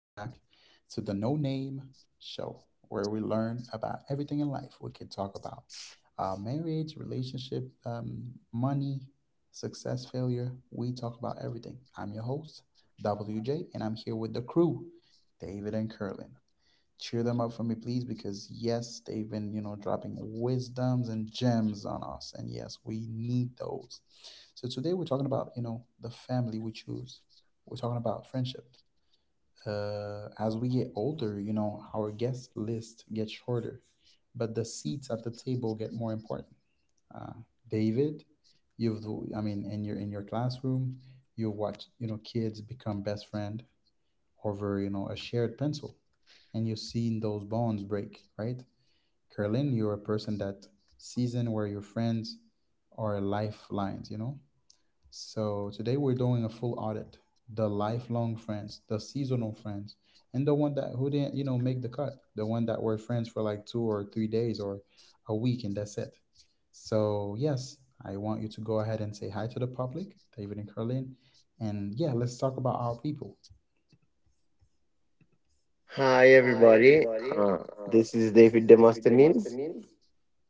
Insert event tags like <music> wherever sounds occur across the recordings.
to the No Name Show, where we learn about everything in life we can talk about, marriage, relationship, money, success, failure. We talk about everything. I'm your host, WJ, and I'm here with the crew, David and Curlin. Cheer them up for me, please, because yes, they've been dropping wisdoms and gems on us, and yes, we need those. So today we're talking about the family we choose. We're talking about friendship. As we get older, our guest list gets shorter, but the seats at the table get more important. uh, David, you've I mean, in your classroom, you watch kids become best friend over a shared pencil, and you've seen those bonds break, right? Carolyn, you're a person that season where your friends are lifelines, so today we're doing a full audit: the lifelong friends, the seasonal friends, and the one that who didn't make the cut, the one that were friends for like 2 or 3 days or a week, and that's it. So yes, I want you to go ahead and say hi to the public, David and Carolyn, and yeah, let's talk about our people. Hi, Hi, everybody. everybody. Uh, This is this David is David Demosthenes, Demosthenes,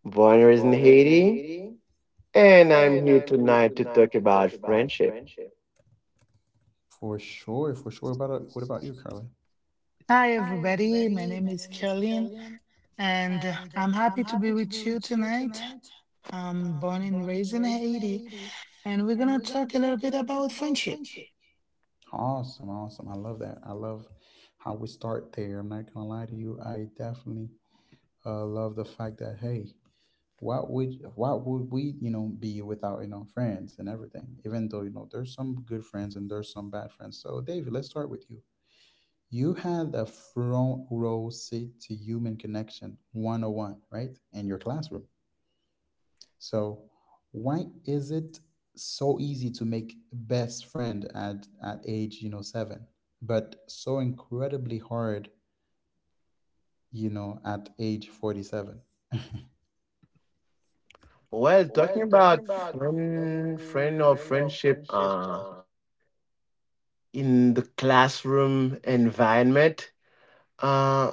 born and raised in born and raised in Haiti, Haiti, and I'm and here I'm here tonight to talk tonight to about talk about friendship. friendship. For sure, for sure. What about you, Carly? Hi, Hi, everybody. My everybody. name My is name is Caroline, Caroline, and and I'm happy I'm to be happy to with be you with you tonight. tonight. I'm born I'm and born raised and in raised in Haiti, Haiti, and we're and gonna we're going talk a to little talk a bit little bit about about friendship. friendship. Awesome, awesome. I love that. I love how we start there. I'm not gonna lie to you. I definitely love the fact that, hey, what would we be without friends and everything, even though there's some good friends and there's some bad friends. So David, let's start with you. You had a front row seat to human connection 101, right? In your classroom, so why is it so easy to make best friend at age 7, but so incredibly hard at age 47? Well, Well, talking talking about about friend, friend, friend or friend or friendship, friendship, in the classroom environment, uh,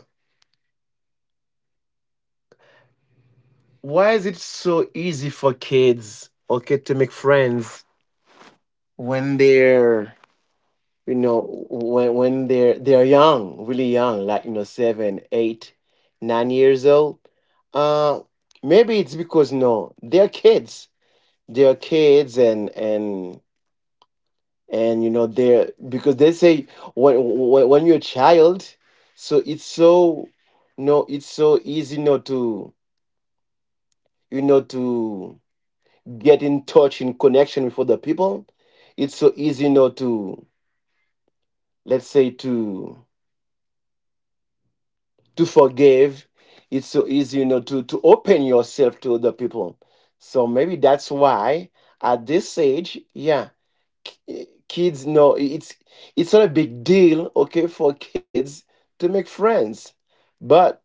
why is it so easy for kids, okay, to make friends when they're young, really young, like, 7, 8, 9 years old? uh Maybe it's because, no, they're kids they're kids, and you know, they're, because they say, when, when you're a child, so it's so no, it's so easy, to get in touch, in connection with other people. It's so easy, to, let's say, to forgive. It's so easy, to open yourself to other people. So maybe that's why at this age, yeah, kids know, it's not a big deal, okay, for kids to make friends. But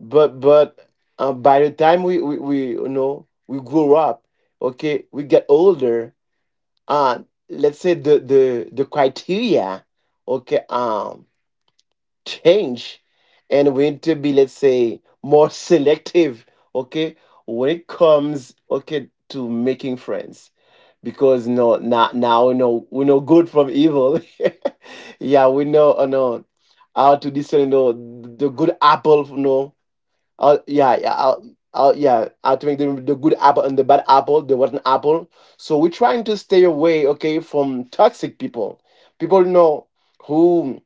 but but by the time we you know, we grow up, okay, we get older. uh let's say the criteria, okay, change, and we need to be, let's say, more selective, okay, when it comes, okay, to making friends, because no, not now, we know. We know good from evil. <laughs> Yeah, we know, no, how to discern, no, the good apple, no, uh, yeah yeah uh, yeah, how to make the good apple and the bad apple, the rotten apple. So we're trying to stay away, okay, from toxic people, people, you know, who,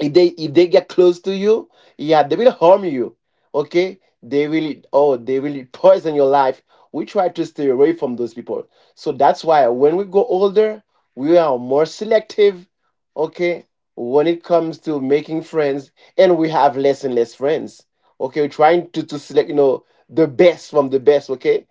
if they get close to you, yeah, they will harm you, okay, they will, oh, they will poison your life. We try to stay away from those people. So that's why when we go older, we are more selective, okay, when it comes to making friends, and we have less and less friends. Okay, we're trying to, select, you know, the best from the best, okay,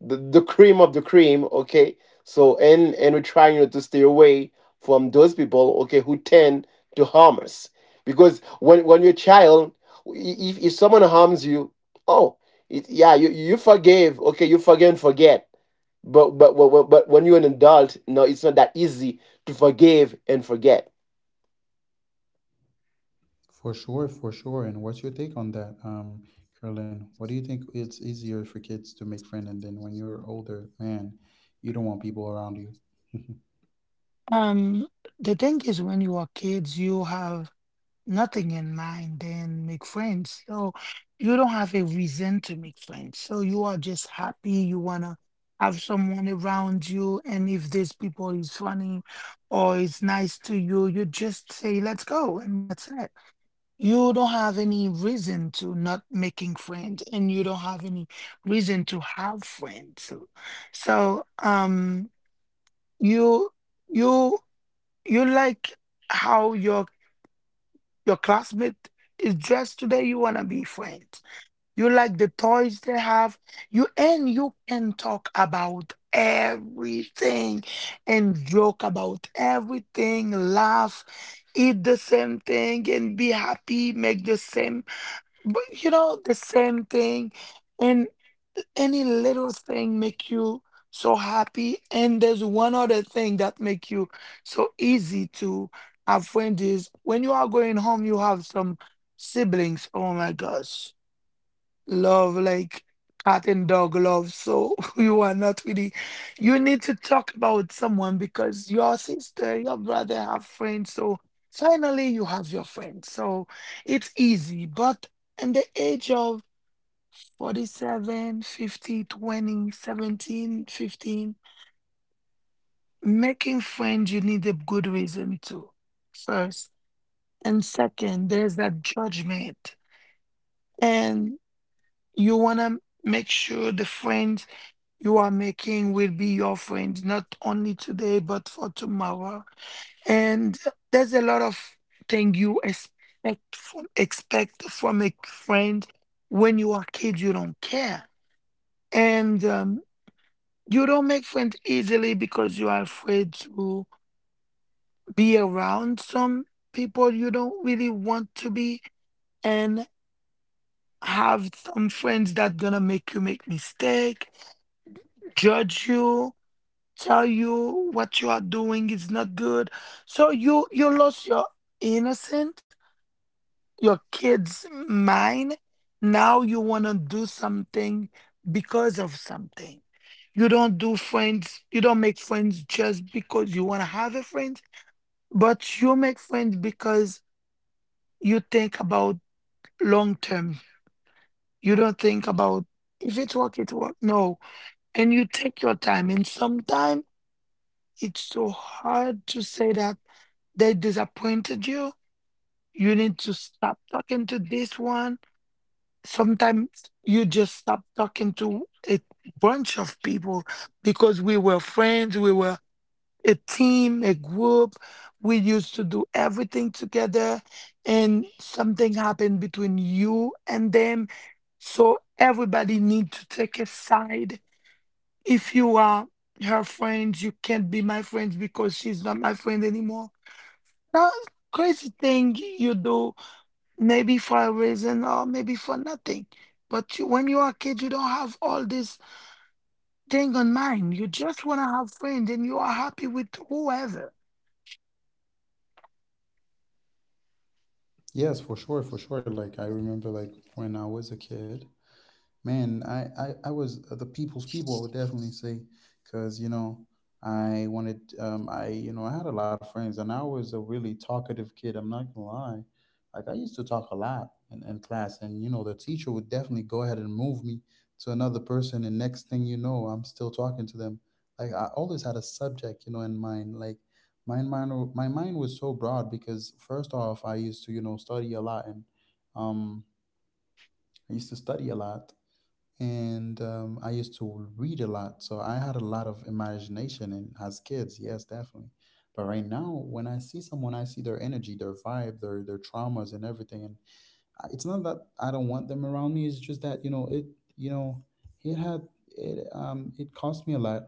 the cream of the cream, okay. So and we're trying, you know, to stay away from those people, okay, who tend to harm us. Because when, you're a child, if, someone harms you, oh, it, yeah, you forgave. Okay, you forgive and forget. But, when you're an adult, no, it's not that easy to forgive and forget. For sure, for sure. And what's your take on that, Carolyn? What do you think? It's easier for kids to make friends, and then when you're older, man, you don't want people around you? <laughs> Um, the thing is, when you are kids, you have nothing in mind, then make friends. So you don't have a reason to make friends. So you are just happy. You wanna have someone around you, and if these people is funny or is nice to you, you just say, "Let's go," and that's it. You don't have any reason to not making friends, and you don't have any reason to have friends. So, you you you like how your classmate is dressed today. You want to be friends. You like the toys they have. You, and you can talk about everything, and joke about everything, laugh, eat the same thing and be happy, make the same, the same thing. And any little thing make you so happy. And there's one other thing that make you so easy to have friends is when you are going home, you have some siblings. Oh my gosh, love like cat and dog love. So <laughs> you are not really, you need to talk about someone because your sister, your brother have friends. So finally you have your friends. So it's easy. But in the age of 47, 50, 20, 17, 15, making friends, you need a good reason to first. And second, there's that judgment. And you want to make sure the friends you are making will be your friend, not only today, but for tomorrow. And there's a lot of thing you expect from a friend. When you are a kid, you don't care. And you don't make friends easily because you are afraid to be around some people you don't really want to be, and have some friends that gonna make you make mistake, judge you, tell you what you are doing is not good. So you lost your innocence, your kid's mind. Now you want to do something because of something. You don't do friends, you don't make friends just because you want to have a friend, but you make friends because you think about long term. You don't think about if it work, it work. No. And you take your time. And sometimes it's so hard to say that they disappointed you. You need to stop talking to this one. Sometimes you just stop talking to a bunch of people because we were friends, we were a team, a group. We used to do everything together, and something happened between you and them. So everybody need to take a side. If you are her friend, you can't be my friend because she's not my friend anymore now. Crazy thing you do, maybe for a reason or maybe for nothing. But you, when you are a kid, you don't have all this thing on mind. You just want to have friends, and you are happy with whoever. Yes, for sure, for sure. Like I remember, like when I was a kid, man, I was the people's people, I would definitely say, because, I wanted, I, you know, I had a lot of friends, and I was a really talkative kid. I'm not gonna lie. Like I used to talk a lot in class and, the teacher would definitely go ahead and move me to another person. And next thing you know, I'm still talking to them. Like I always had a subject, in mind. Like my mind was so broad because, first off, I used to, study a lot and, um, I used to study a lot, and I used to read a lot, so I had a lot of imagination. And as kids, yes, definitely. But right now, when I see someone, I see their energy, their vibe, their traumas, and everything. And it's not that I don't want them around me. It's just that you know it. You know, it had it. It cost me a lot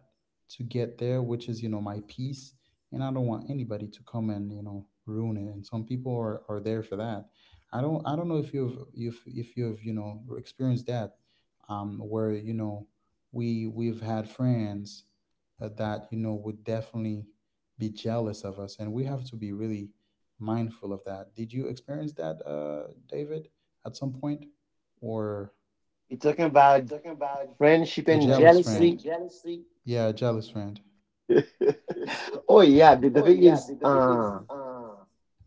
to get there, which is my peace, and I don't want anybody to come and ruin it. And some people are there for that. I don't. I don't know if you've experienced that, where we've had friends that would definitely be jealous of us, and we have to be really mindful of that. Did you experience that, David, at some point? Or You're talking you're about talking about friendship a and jealous friends jealousy. friend? Jealousy. Yeah, a jealous friend. <laughs> Oh <laughs> Oh yeah, yeah, the, the the thing thing is, is,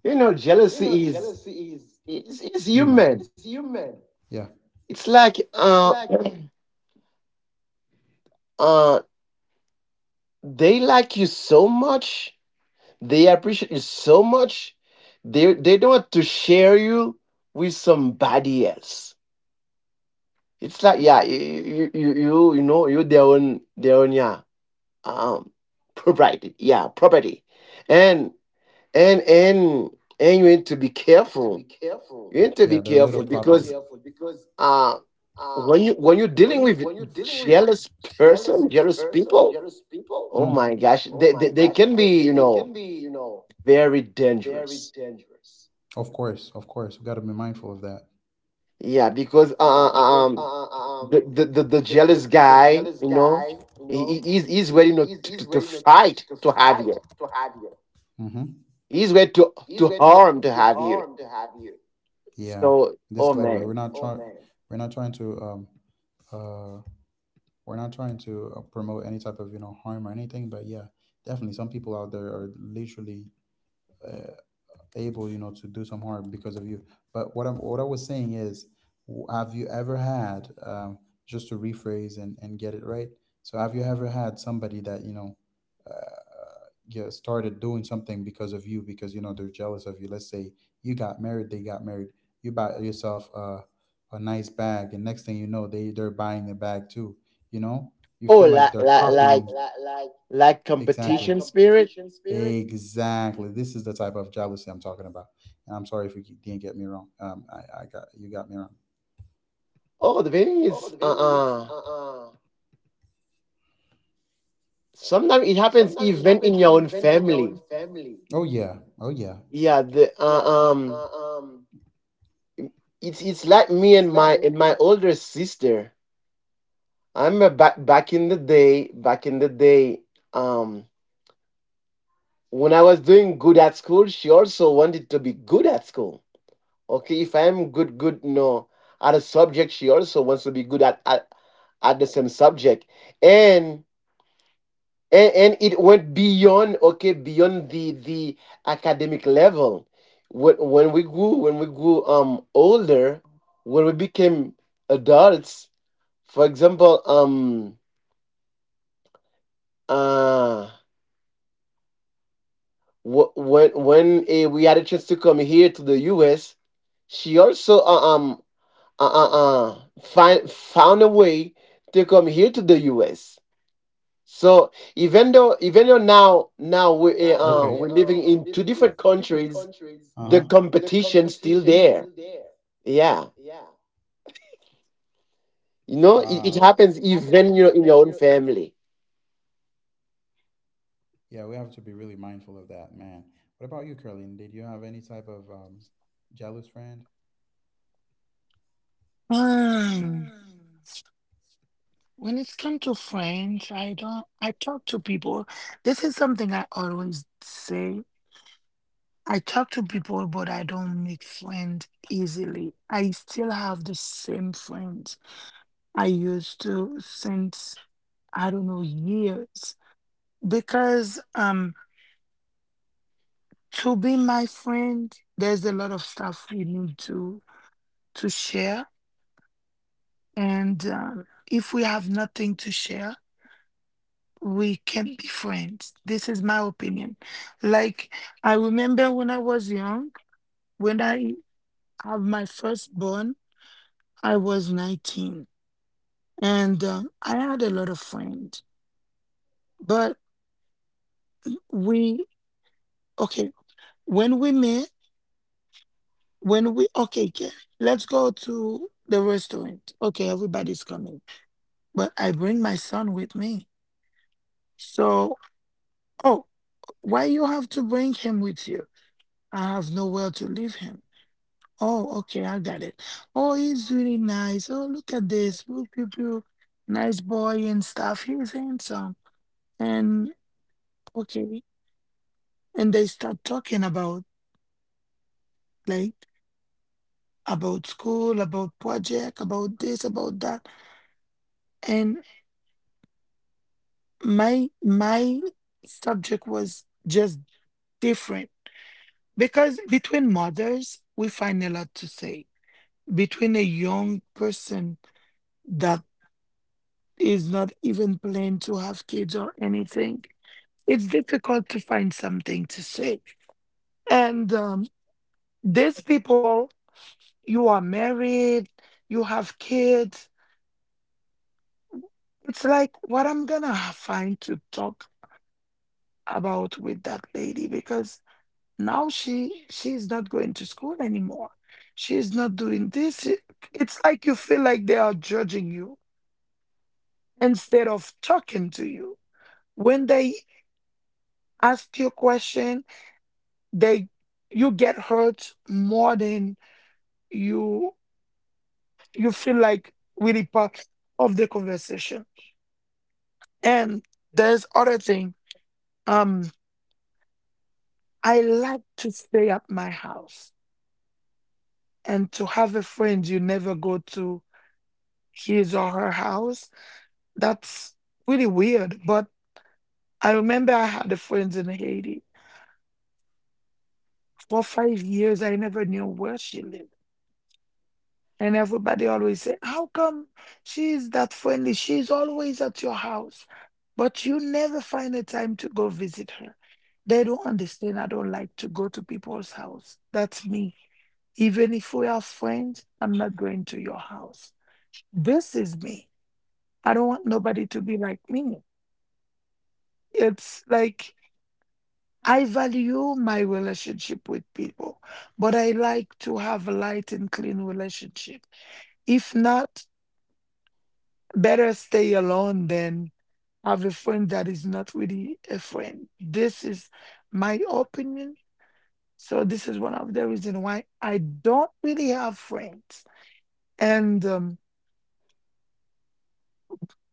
you you know, know, jealousy jealousy is is, human. It's, is it's human. human. Yeah. It's It's like, like <clears throat> uh, they like you so much. They appreciate you so much. They don't want to share you with somebody else. It's like, yeah, you know, you, their own, yeah, um property, yeah, property, and and and and you need to to be be careful. careful. Yeah, they're You little need to property, be to be careful careful because because uh, uh when when you you, when when you're you're dealing dealing with with jealous jealous person, person, jealous jealous people. people, Hmm. Oh oh my my gosh, gosh, they, they, they they can can be be, you know, very very dangerous. dangerous. Of course, of course. We got to be mindful of that. Yeah, Yeah, because because um, the, the, the, the the jealous jealous guy, guy, you you know, know, he, he's he's, he's ready, you ready, know, to, to to fight fight to to have have you. you. Hmm. He's ready He's to ready to, harm to have harm to you. have you. Yeah. So, oh Disclaimer: Oh, we're not, man. oh, trying. Man. We're not trying to. Uh. We're not trying to promote any type of harm or anything. But yeah, definitely, some people out there are literally uh, able, to do some harm because of you. But what I was saying is, have you ever had, just to rephrase and get it right? So have you ever had somebody that you know? Uh, yeah, started doing something because of you, because they're jealous of you. Let's say you got married, they got married. You bought yourself a nice bag, and next thing you know, they're buying a bag too. You know, you Oh, feel like they're, oh, like, copying, like. Lack. like Exactly. That competition spirit. competition spirit. Exactly. This is the type of jealousy I'm talking about. And I'm sorry if you didn't get me wrong. I got, you got me wrong. Oh, Oh, the the thing thing is, is, uh sometimes sometimes it it happens happens even even in in your your own own family. family. Oh yeah. Oh yeah. Yeah, Yeah, the the, it's it's it's it's like like me and my older sister. I remember back, back in the day, um, when I was doing good at school, she also wanted to be good at school. Okay, if I am good, good, no, know, at a subject, she also wants to be good at, at the same subject, and it went beyond, okay, beyond the academic level. When, we grew older, when we became adults, for example. Uh when we had a chance to come here to the U.S., she also uh, uh, find found a way to come here to the U.S. So, even though, now now with, okay, we, the we're we're living living in in two two different different countries. countries, Uh huh. the The competition competition still still there. there. Yeah. Yeah, No. you Wow. No, know, it it happens happens even. even, you know, in your own family. Yeah, we have to be really mindful of that, man. What about you, Curly? Did you have any type of jealous friend? Um, Mm. when it's come to friends, I don't, I talk to people. This is something I always say. I talk to people, but I don't make friends easily. I still have the same friends I used to since, I don't know, years. Because to be my friend, there's a lot of stuff we need to share. And if we have nothing to share, we can't be friends. This is my opinion. Like, I remember when I was young, when I have my firstborn, I was 19. And I had a lot of friends. But we, okay, when we met, when we, okay, let's go to the restaurant, okay, everybody's coming. But I bring my son with me. So, "Oh, why you have to bring him with you?" "I have nowhere to leave him." "Oh, okay, I got it. Oh, he's really nice. Oh, look at this, pew, pew, pew. Nice boy and stuff, he's handsome." And, okay, and they start talking about, like, about school, about project, about this, about that. And my subject was just different, because between mothers we find a lot to say. Between a young person that is not even planning to have kids or anything, it's difficult to find something to say. And these people, you are married, you have kids, it's like, what I'm gonna find to talk about with that lady? Because now she's not going to school anymore. She's not doing this. It's like you feel like they are judging you instead of talking to you. When they ask you a question, they you get hurt more than you you feel like really part of the conversation. And there's other thing. Um, I like to stay at my house, and to have a friend you never go to his or her house, that's really weird. But I remember I had a friend in Haiti. For 5 years, I never knew where she lived. And everybody always said, "How come she's that friendly? She's always at your house. But you never find a time to go visit her." They don't understand. I don't like to go to people's house. That's me. Even if we are friends, I'm not going to your house. This is me. I don't want nobody to be like me. It's like I value my relationship with people, but I like to have a light and clean relationship. If not, better stay alone than have a friend that is not really a friend. This is my opinion. So this is one of the reasons why I don't really have friends. And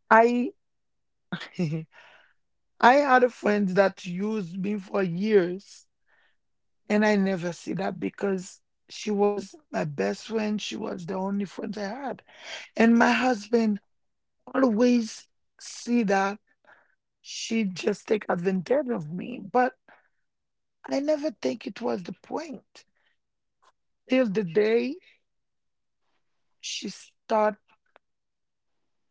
I <laughs> I had a friend that used me for years, and I never see that because she was my best friend. She was the only friend I had. And my husband always see that she just take advantage of me, but I never think it was the point. Till the day she start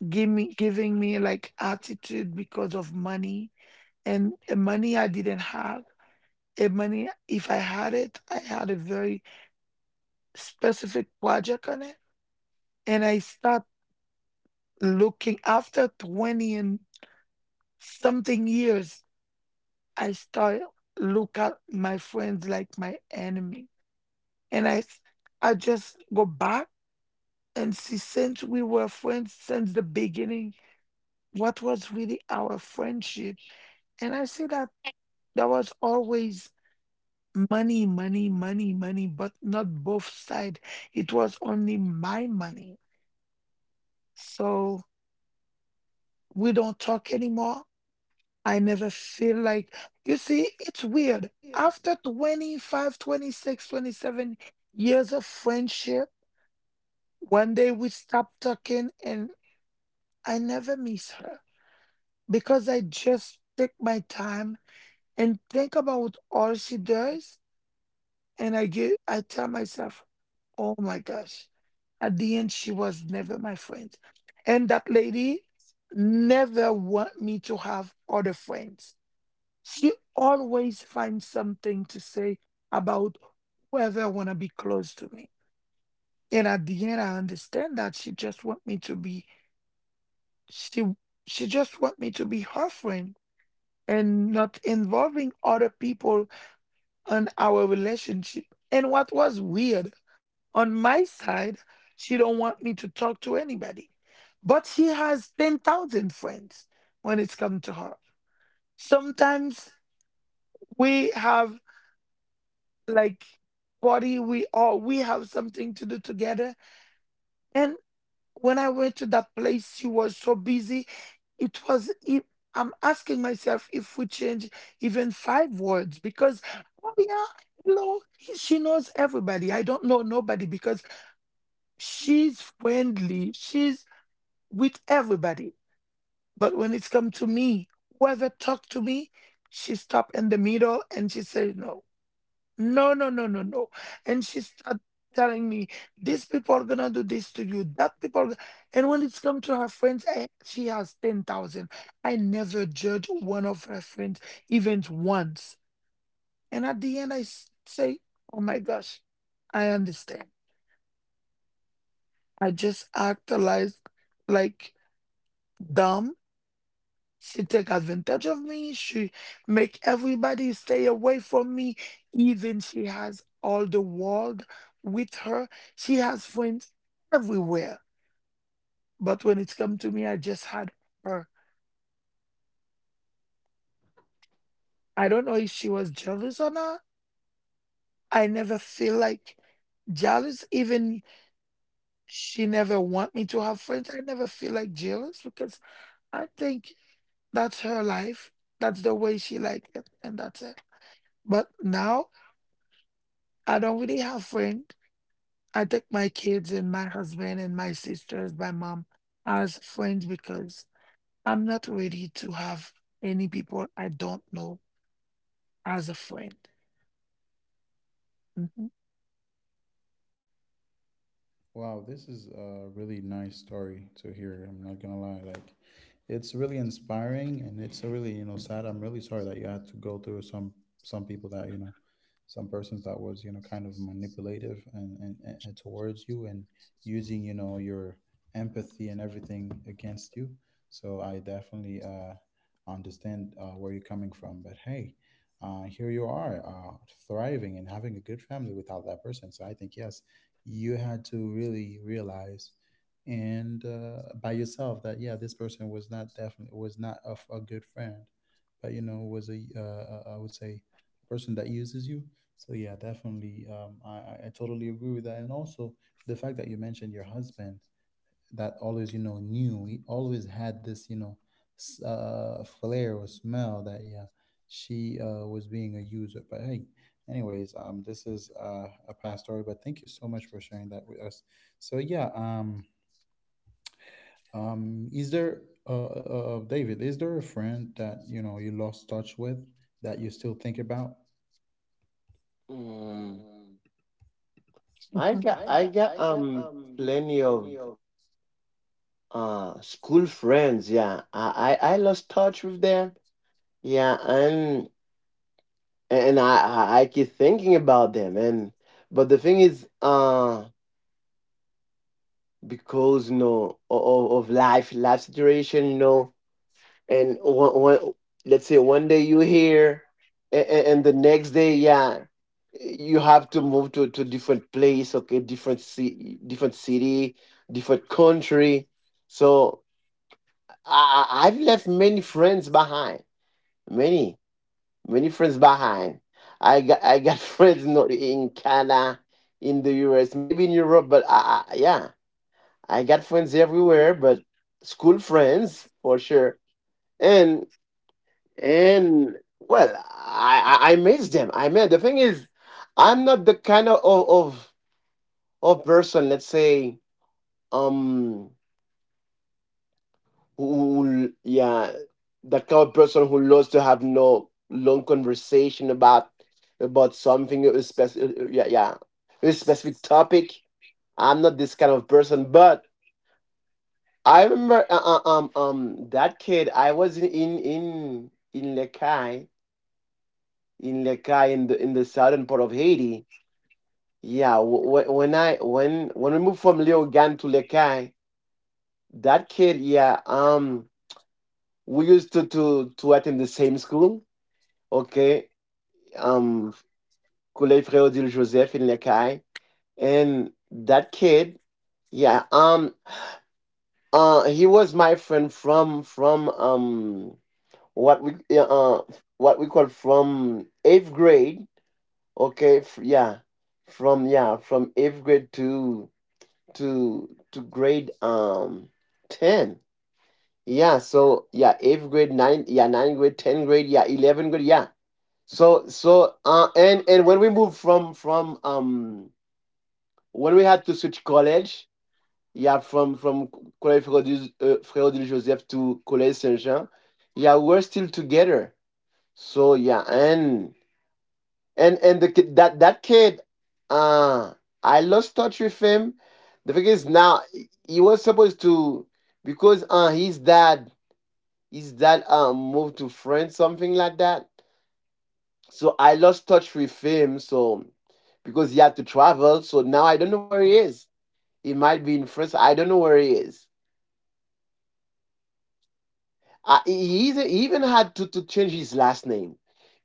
giving me like attitude because of money, and a money I didn't have. A money, if I had it, I had a very specific project on it. And I start looking after 20 and something years. I start look at my friends like my enemy. And I just go back and see, since we were friends since the beginning, what was really our friendship. And I see that there was always money, money, money, money, but not both side. It was only my money. So we don't talk anymore. I never feel like, you see, it's weird. After 25, 26, 27 years of friendship, one day we stopped talking, and I never miss her, because I just take my time and think about all she does. And I tell myself, oh my gosh, at the end, she was never my friend. And that lady never want me to have other friends. She always finds something to say about whoever wanna be close to me. And at the end, I understand that she she just want me to be her friend, and not involving other people on our relationship. And what was weird, on my side, she don't want me to talk to anybody. But she has 10,000 friends when it's come to her. Sometimes we have, like, body, we have something to do together. And when I went to that place, she was so busy, it was it, I'm asking myself if we change even five words. Because, oh yeah, hello, she knows everybody. I don't know nobody because she's friendly, she's with everybody. But when it's come to me, whoever talked to me, she stopped in the middle and she said, "No, no, no, no, no." And she start telling me, "These people are gonna do this to you, that people are go-" And when it's come to her friends, she has 10,000. I never judge one of her friends, even once. And at the end, say, oh my gosh, I understand. I just act like, like dumb. She take advantage of me. She make everybody stay away from me. Even she has all the world with her. She has friends everywhere. But when it come to me, I just had her. I don't know if she was jealous or not. I never feel like jealous. Even she never want me to have friends. I never feel like jealous because I think that's her life. That's the way she like it, and that's it. But now I don't really have friends. I take my kids and my husband and my sisters, my mom as friends, because I'm not ready to have any people I don't know as a friend. Mhm, Wow, this is a really nice story to hear. I'm not gonna lie, like it's really inspiring, and it's a really, sad. I'm really sorry that you had to go through some people that, some persons that was, kind of manipulative, and towards you and using, your empathy and everything against you. So I definitely understand, where you're coming from. But hey, here you are, thriving and having a good family without that person. So I think, yes, you had to really realize and by yourself that, yeah, this person was not, definitely was not a good friend, but was a, I would say, a person that uses you. So yeah, definitely, I totally agree with that. And also the fact that you mentioned your husband that always knew, he always had this flair or smell that, yeah, she was being a user. But hey, anyways, this is a past story, but thank you so much for sharing that with us. So yeah, is there, David, is there a friend that you lost touch with that you still think about? Mm, Mm, mhm. I I got got, I got plenty of plenty of. School friends, yeah, I lost touch with them, yeah, and, and I, I keep thinking about them. And but the thing is, because, you know, of, life, situation, you know, and, let's say one day, you here, and the next day, yeah, you have to move to different place, okay, different, different city, different country. So, I've left many friends behind, many, friends behind. I got <laughs> friends not in Canada, in the US, maybe in Europe. But I I got friends everywhere, but school friends for sure. And well, I miss them. I mean, the thing is, I'm not the kind of of person, let's say, um who, yeah, the kind of person who loves to have no long conversation about something, a specific a specific topic. I'm not this kind of person, but I remember, that kid, I was in Lekai, in Lekai, in the southern part of Haiti. Yeah, w- w- when I when we moved from Leogane to Lekai, that kid, yeah, we used to attend the same school. Okay, um, Kool-Aid Joseph in Lekai, and that kid, yeah, he was my friend from, what we yeah, uh what we call, from eighth grade. Okay, from eighth grade to to grade ten. Yeah, so, yeah, eighth grade, ninth grade, ten grade, yeah, 11 grade, yeah. So, so, and when we moved from, when we had to switch college, yeah, from Collège Frédéric, Frédéric Joseph to Collège Saint Jean. Yeah, we're still together. So, yeah, and the kid, that kid, uh, I lost touch with him. The thing is, now he was supposed to, because his dad, moved to France, something like that. So I lost touch with him. So because he had to travel, so now I don't know where he is. He might be in France. I don't know where he is. He, he even had to change his last name.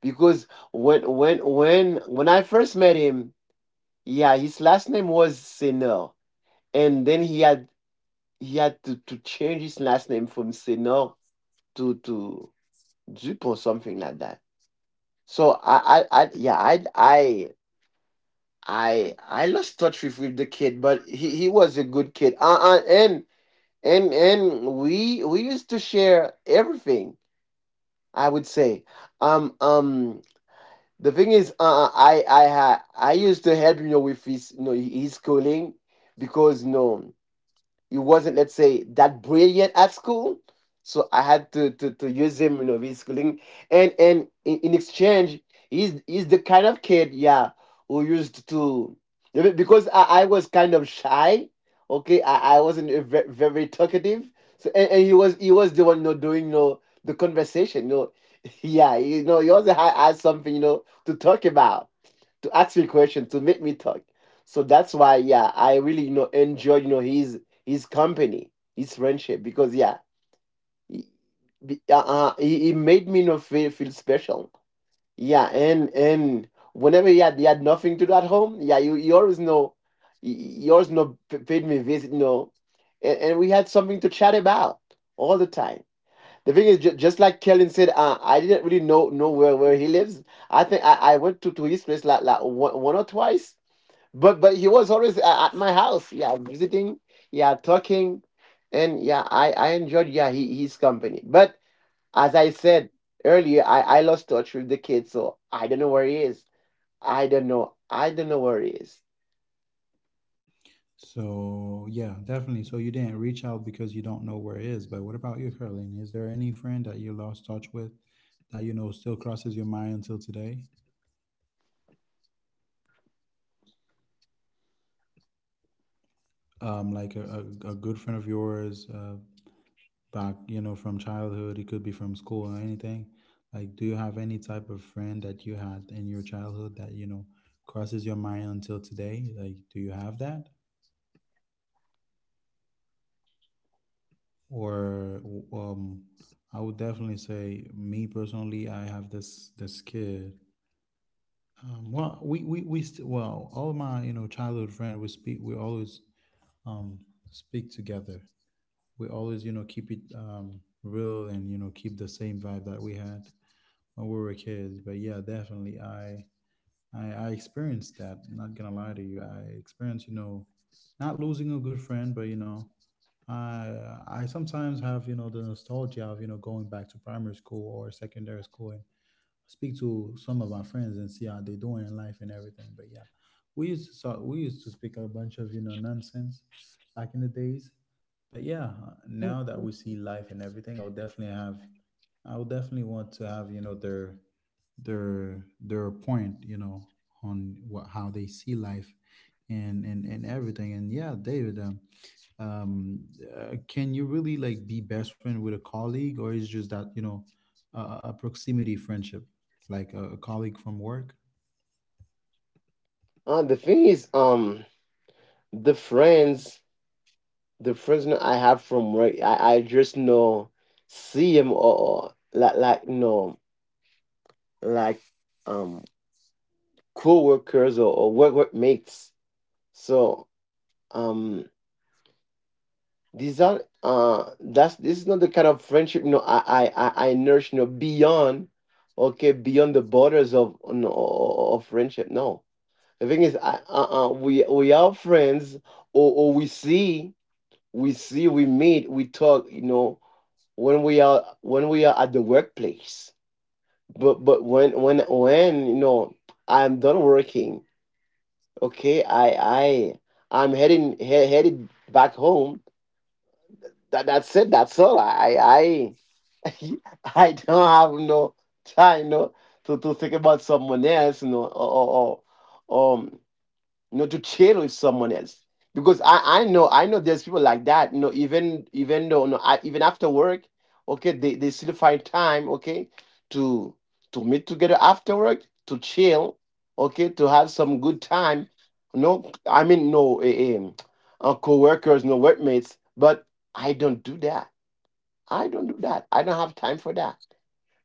Because when, I first met him, yeah, his last name was Senor, and then he had, to change his last name from Senor to Dupont, something like that. So I lost touch with, the kid. But he, was a good kid. And we used to share everything. I would say, um um, the thing is, I used to help, you know, with his, you know, his schooling, because, no, he wasn't, let's say, that brilliant at school. So I had to use him, you know, reschooling. And, in, exchange, he's the kind of kid, yeah, who used to, because, I was kind of shy. Okay, I wasn't a very talkative. So, and, he was the one, you know, doing, you know, the conversation, you know. <laughs> Yeah, you know, he also had, something, you know, to talk about, to ask me question, to make me talk. So that's why, yeah, I really, you know, enjoy, you know, his company, his friendship, because, yeah, he, he made me, you know, feel, special. Yeah, and whenever he had, nothing to do at home, yeah, you always know, paid me visit, you know, and we had something to chat about all the time. The thing is, just like Kellen said, I didn't really know where, he lives. I think I went to his place like one or twice, but he was always at my house, yeah, visiting, yeah, talking. And yeah, I enjoyed, yeah, his company. But as I said earlier, I lost touch with the kid, so I don't know where he is. I don't know where he is. So yeah, definitely. So you didn't reach out because you don't know where it is. But what about you, Caroline? Is there any friend that you lost touch with that still crosses your mind until today? Like a good friend of yours, back from childhood. It could be from school or anything. Like, do you have any type of friend that you had in your childhood that crosses your mind until today? Like, do you have that? Or um I would definitely say, me personally, I have this kid. Well, well, all my childhood friend, we always um speak together. We always keep it real, and keep the same vibe that we had when we were kids. But yeah, definitely I experienced that. I'm not gonna lie to you. I experienced, not losing a good friend. But I sometimes have, the nostalgia of, going back to primary school or secondary school and speak to some of our friends and see how they're doing in life and everything. But yeah, we used to so we used to speak a bunch of nonsense back in the days. But yeah, now that we see life and everything, I'll definitely want to have their their point, on what how they see life and everything. And yeah, David. Um, can you really, like, be best friend with a colleague, or is just that, a proximity friendship, like a colleague from work? The thing is, the friends the friends that I have from work, I just know, see him, or like no, like, um co-workers, or work mates. So um these are that's this is not the kind of friendship, you know, I nourish, you know, beyond, okay, beyond the borders of no, of friendship. No, the thing is I, we are friends, or we see, we meet, we talk, you know, when we are, at the workplace. But when you know I'm done working, okay, I I'm headed back home. That that's it. That's all. I <laughs> I don't have no time, no, to think about someone else, you know, or you know, to chill with someone else. Because I know there's people like that, you know, even even though no, I, even after work, okay, they still find time, okay, to meet together after work, to chill, okay, to have some good time. No, I mean no, co-workers, no workmates, but I don't do that. I don't do that. I don't have time for that.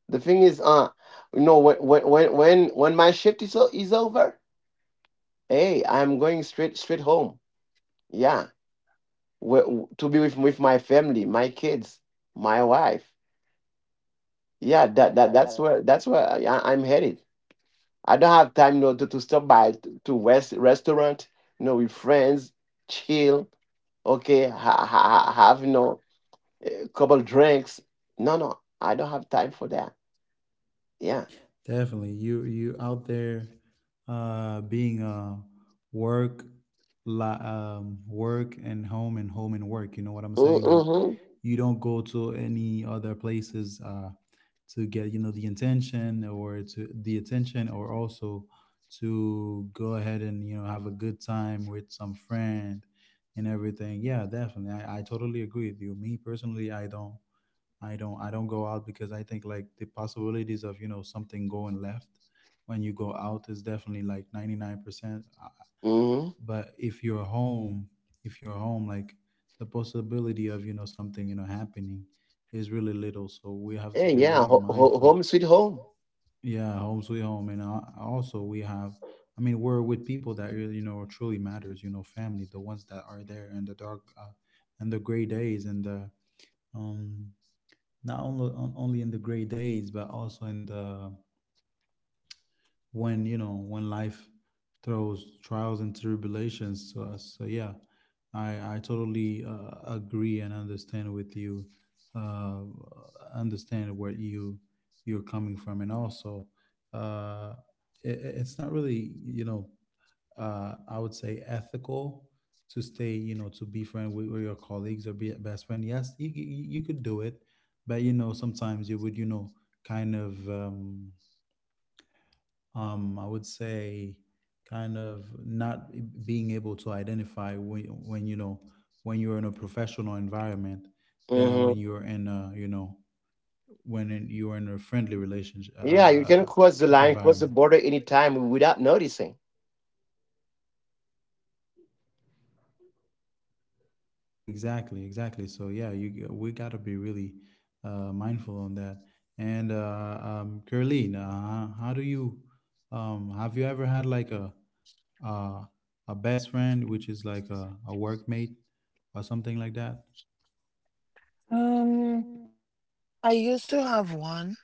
The thing is, you know, when my shift is is over, hey, I'm going straight home. Yeah, to be with my family, my kids, my wife. Yeah, That, that that's where I'm headed. I don't have time, you know, to stop by to restaurant, you know, with friends, chill. Okay, have, you know, a couple drinks. No, No, I don't have time for that. Yeah. Definitely, you out there, being work, work and home and home and work. You know what I'm saying? Like, Mm-hmm, Mm-hmm. you don't go to any other places to get, you know, the intention or to the attention, or also to go ahead and, you know, have a good time with some friend and everything. Yeah, definitely. I totally agree with you. Me personally, I don't. I don't go out because I think like the possibilities of, you know, something going left when you go out is definitely like 99%. Mm-hmm. But if you're home, if you're home, like, the possibility of, you know, something, you know, happening is really little. So we have to Hey, be, yeah, yeah, really, yeah, mindful. home sweet home. Yeah, home sweet home, and also we have. I mean, we're with people that really, you know, truly matters. You know, family, the ones that are there in the dark, and the gray days, and the um, not only on, only in the great days, but also in the when, you know, when life throws trials and tribulations to us. So yeah, I totally, agree and understand with you. uh Understand where you you're coming from, and also, uh it, it's not really, you know, I would say ethical to stay, you know, to be friend with your colleagues, or be a best friend. Yes, you could do it, but, you know, sometimes you would, you know, kind of, I would say, kind of not being able to identify when, you know, when you're in a professional environment than when Hmm. you're in a, you know, when in, you're in a friendly relationship, Yeah, you can cross the line, cross the environment. border anytime without noticing. Exactly, exactly. So yeah, you we gotta be really, mindful on that. And Caroline, how do you have you ever had like uh, a best friend, which is like a workmate or something like that? Um, I used to have one,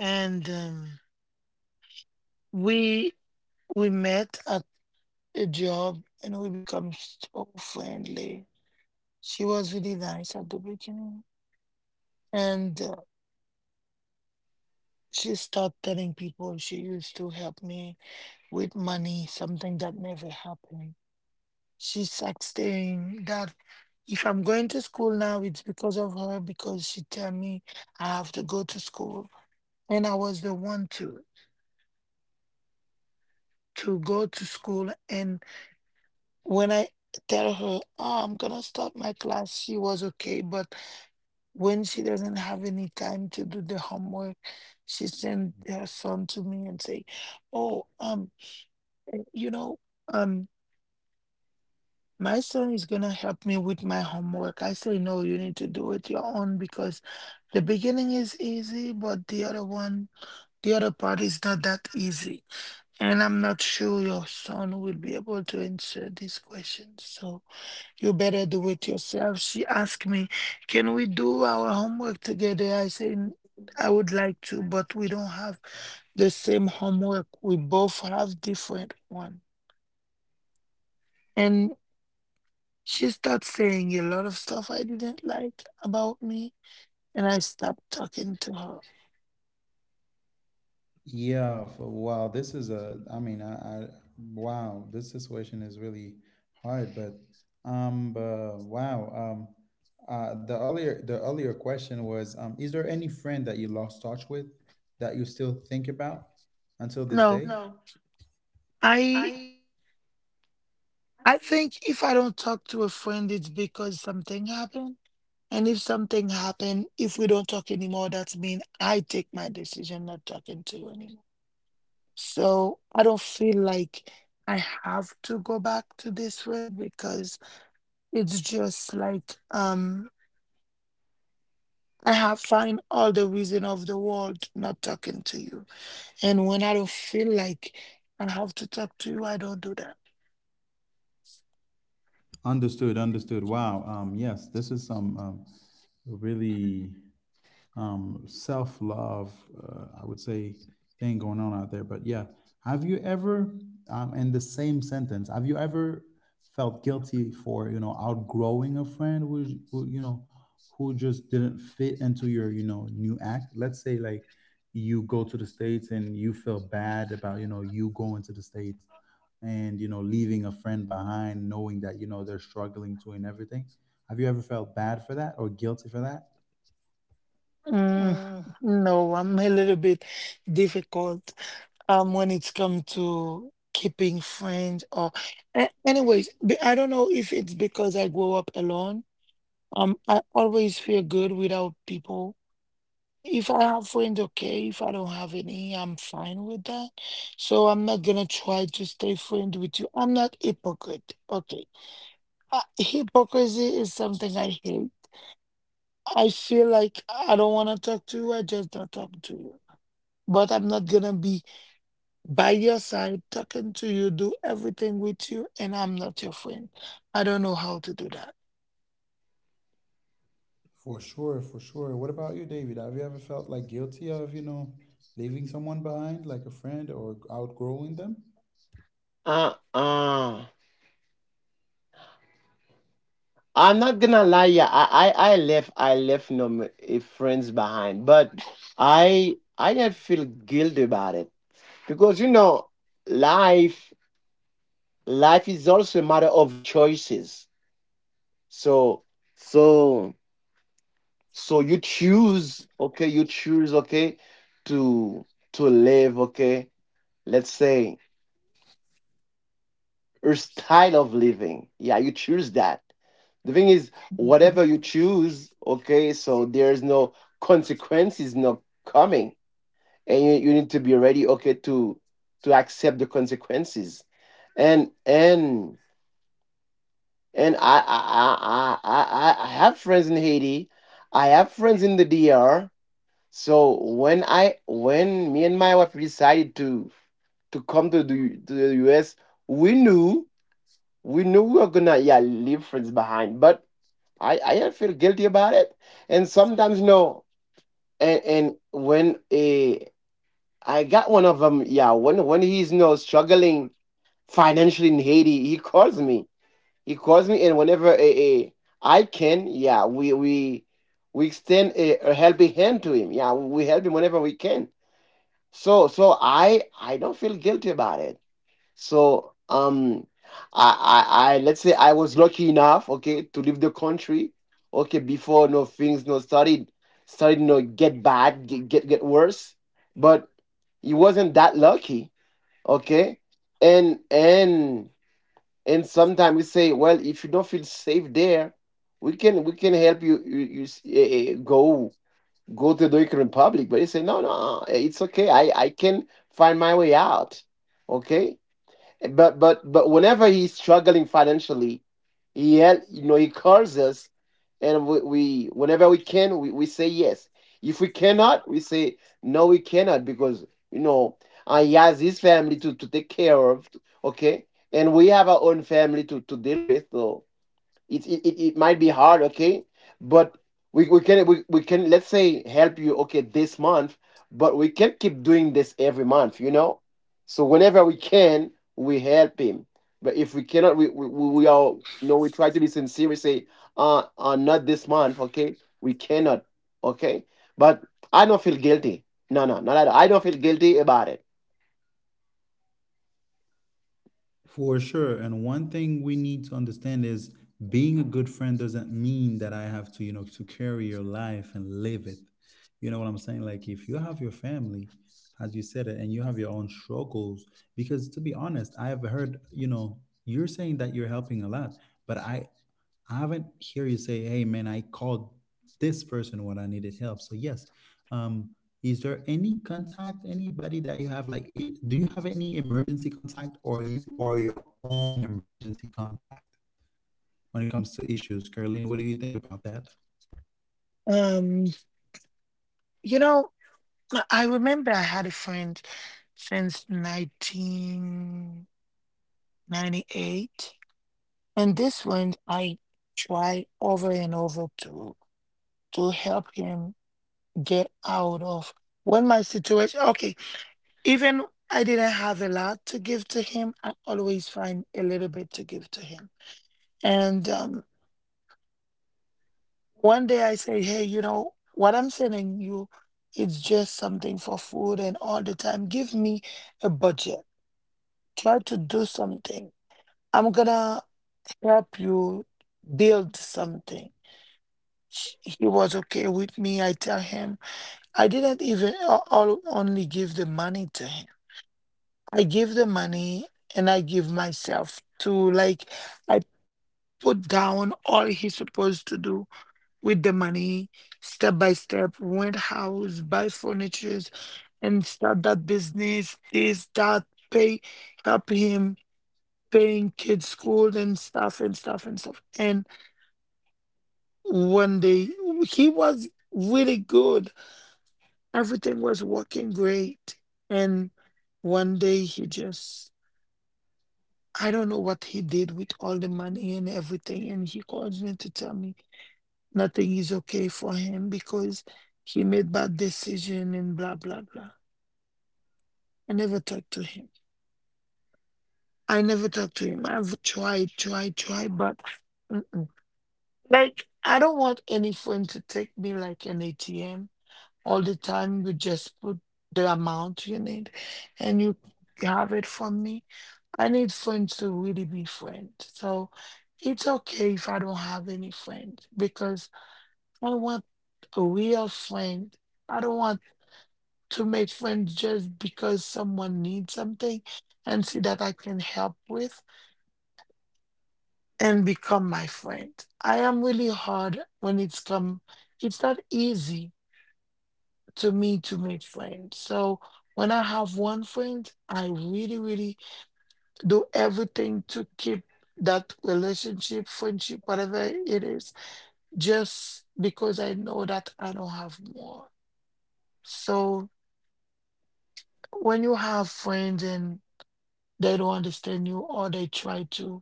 and we we met at a job, and we become so friendly. She was really nice at the beginning, and she started telling people she used to help me with money, something that never happened. She's sexting that if I'm going to school now, it's because of her because she tell me I have to go to school. And I was the one to go to school. And when I tell her, oh, I'm gonna start my class, she was okay. But when she doesn't have any time to do the homework, she send her son to me and say, oh, you know, um my son is gonna help me with my homework. I say, no, you need to do it your own because the beginning is easy, but the other one, the other part is not that easy. And I'm not sure your son will be able to answer these questions. So you better do it yourself. She asked me, can we do our homework together? I said, I would like to, but we don't have the same homework. We both have different one. She started saying a lot of stuff I didn't like about me, and I stopped talking to her. Yeah, for, wow, this is a, I mean, I, wow, this situation is really hard, but wow, the earlier question was, is there any friend that you lost touch with that you still think about until this day? No, No, I I I think if I don't talk to a friend, it's because something happened. And if something happened, if we don't talk anymore, that's mean I take my decision not talking to you anymore. So I don't feel like I have to go back to this friend because it's just like I have find all the reason of the world not talking to you. And when I don't feel like I have to talk to you, I don't do that. Understood, understood. Wow, yes, this is some, really self love, I would say, thing going on out there. But yeah, have you ever, in the same sentence, have you ever felt guilty for, you know, outgrowing a friend who, you know, who just didn't fit into your, you know, new act? Let's say like you go to the States and you feel bad about, you know, you going to the States, and you know, leaving a friend behind knowing that, you know, they're struggling too and everything. Have you ever felt bad for that or guilty for Mm, that? no, I'm a little bit difficult when it's come to keeping friends or anyways, I don't know if it's because I grew up alone. I always feel good without people. If I have friends, okay. If I don't have any, I'm fine with that. So I'm not gonna try to stay friends with you. I'm not hypocrite. Okay. Hypocrisy is something I hate. I feel like I don't want to talk to you. I just don't talk to you. But I'm not going to be by your side talking to you, do everything with you, and I'm not your friend. I don't know how to do that. For sure, for sure. What about you, David? Have you ever felt like guilty of, you know, leaving someone behind, like a friend, or outgrowing them? Uh uh. I'm not gonna lie, yeah, I left no friends behind, but I didn't feel guilty about it because, you know, life, is also a matter of choices. So so so you choose, okay, to live, okay. Let's say or style of living. Yeah, you choose that. The thing is, Mhm. whatever you choose, okay, so there's no consequences not coming. And you need to be ready, okay, to accept the consequences. And and and I have friends in Haiti. I have friends in the DR. So when I, when me and my wife decided to come to the US, we knew, we were gonna, yeah, leave friends behind, but I don't feel guilty about it. And sometimes no, and when a, I got one of them, yeah, when he's no struggling financially in Haiti, he calls me, and whenever a I can, yeah, we we extend a helping hand to him, yeah, we help him whenever we can. I don't feel guilty about it. So I, let's say, I was lucky enough, okay, to leave the country, okay, before no things no started, you know, get bad, get worse. But he wasn't that lucky, okay? And and and sometimes we say, well, if you don't feel safe there, we can help you you, go to the Dominican Republic. But he said, no, no, it's okay. I can find my way out, okay. But whenever he's struggling financially, you know, he calls us. And we, whenever we can, we say yes. If we cannot, we say no, we cannot because, you know, he has his family to, take care of. Okay, and we have our own family to, deal with. So it might be hard, okay, but we, can, let's say, help you, okay, this month, but we can't keep doing this every month, you know. So whenever we can, we help him. But if we cannot, we are, you know, we try to be sincere. We say not this month, okay, we cannot, okay. But I don't feel guilty. No, no, not at all. I don't feel guilty about it. For sure. And one thing we need to understand is being a good friend doesn't mean that I have to, you know, to carry your life and live it. You know what I'm saying? Like if you have your family, as you said it, and you have your own struggles, because to be honest, I have heard, you know, you're saying that you're helping a lot, but I haven't hear you say, "Hey, man, I called this person when I needed help." So yes, um, is there any contact, anybody that you have? Like, I do you have any emergency contact, or you are your own emergency contact when it comes to issues? Caroline, what do you think about that? Um, you know, I remember I had a friend since 1998. And this one, I tried over and over to help him get out of when my situation. Okay, even I didn't have a lot to give to him, I always find a little bit to give to him. And one day I say, hey, you know, what I'm sending you, it's just something for food and all the time. Give me a budget. Try to do something. I'm gonna help you build something. He was okay with me. I tell him I didn't even all only give the money to him. I give the money and I give myself to like I put down all he's supposed to do with the money, step by step, rent house, buy furnitures, and start that business, this, that, pay, help him paying kids school and stuff and stuff and stuff. And one day he was really good. Everything was working great. And one day he just I don't know what he did with all the money and everything. And he calls me to tell me nothing is okay for him because he made bad decision and blah, blah, blah. I never talked to him. I never talked to him. I've tried, tried, tried, but mm-mm, like, I don't want any friend to take me like an ATM all the time. You just put the amount you need and you have it from me. I need friends to really be friends. So it's okay if I don't have any friends because I want a real friend. I don't want to make friends just because someone needs something and see that I can help with and become my friend. I am really hard when it's come, it's not easy to me to make friends. So when I have one friend, I really, really do everything to keep that relationship, friendship, whatever it is, just because I know that I don't have more. So when you have friends and they don't understand you or they try to,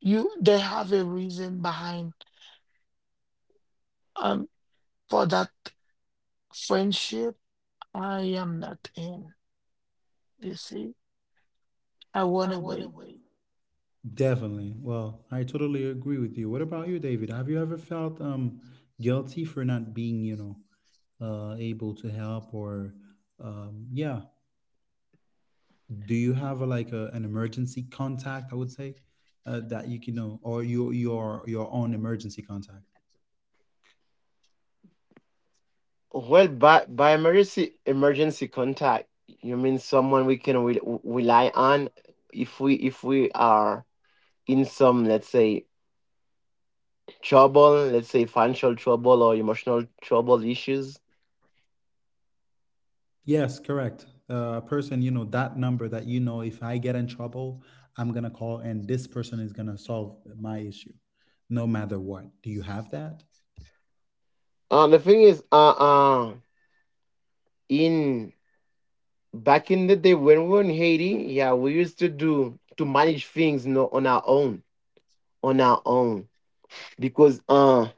you they have a reason behind um for that friendship I am not in. You see, I went I want to away. wait. Definitely. Well, I totally agree with you. What about you, David? Have you ever felt, guilty for not being, you know, able to help, or yeah, do you have a, like a, an emergency contact, I would say, that you can know, or your your own emergency contact? Well, by emergency contact, you mean someone we can rely on if we are in some, let's say, trouble, let's say financial trouble or emotional trouble issues. Yes, correct, a person, you know, that number that you know if I get in trouble, I'm gonna call and this person is gonna solve my issue, no matter what. Do you have that? Uh, the thing is, uh, uh, in back in the day when we were in Haiti, yeah, we used to do to manage things, you know, on our own, on our own, because,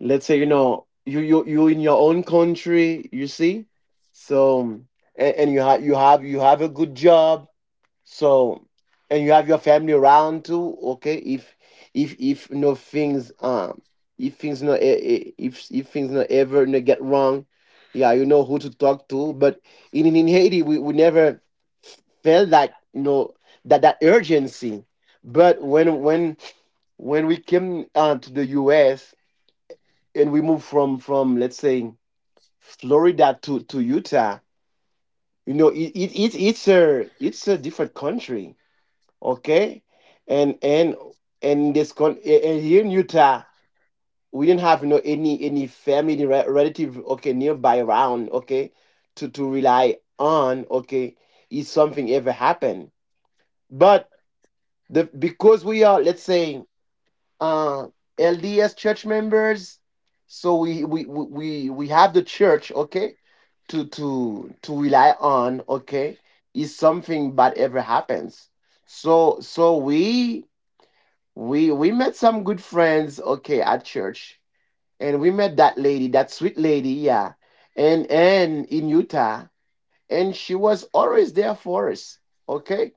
let's say, you know, you in your own country, you see. So, and you have, a good job. So, and you have your family around too, okay. If no things, if things no if things no ever no get wrong, yeah, you know who to talk to. But in Haiti, we never felt that, you know, that urgency. But when we came, to the US, and we move from let's say Florida to Utah, you know, it's a, it's a different country, okay. and and and this con and here in Utah, we didn't have, you know, any family relative, okay, nearby around, okay, to rely on, okay, if something ever happened. But the, because we are, let's say, uh LDS church members. So we have the church, okay, to rely on, okay, if something bad ever happens. So we, we met some good friends, okay, at church, and we met that lady, that sweet lady, yeah, and in Utah. And she was always there for us, okay,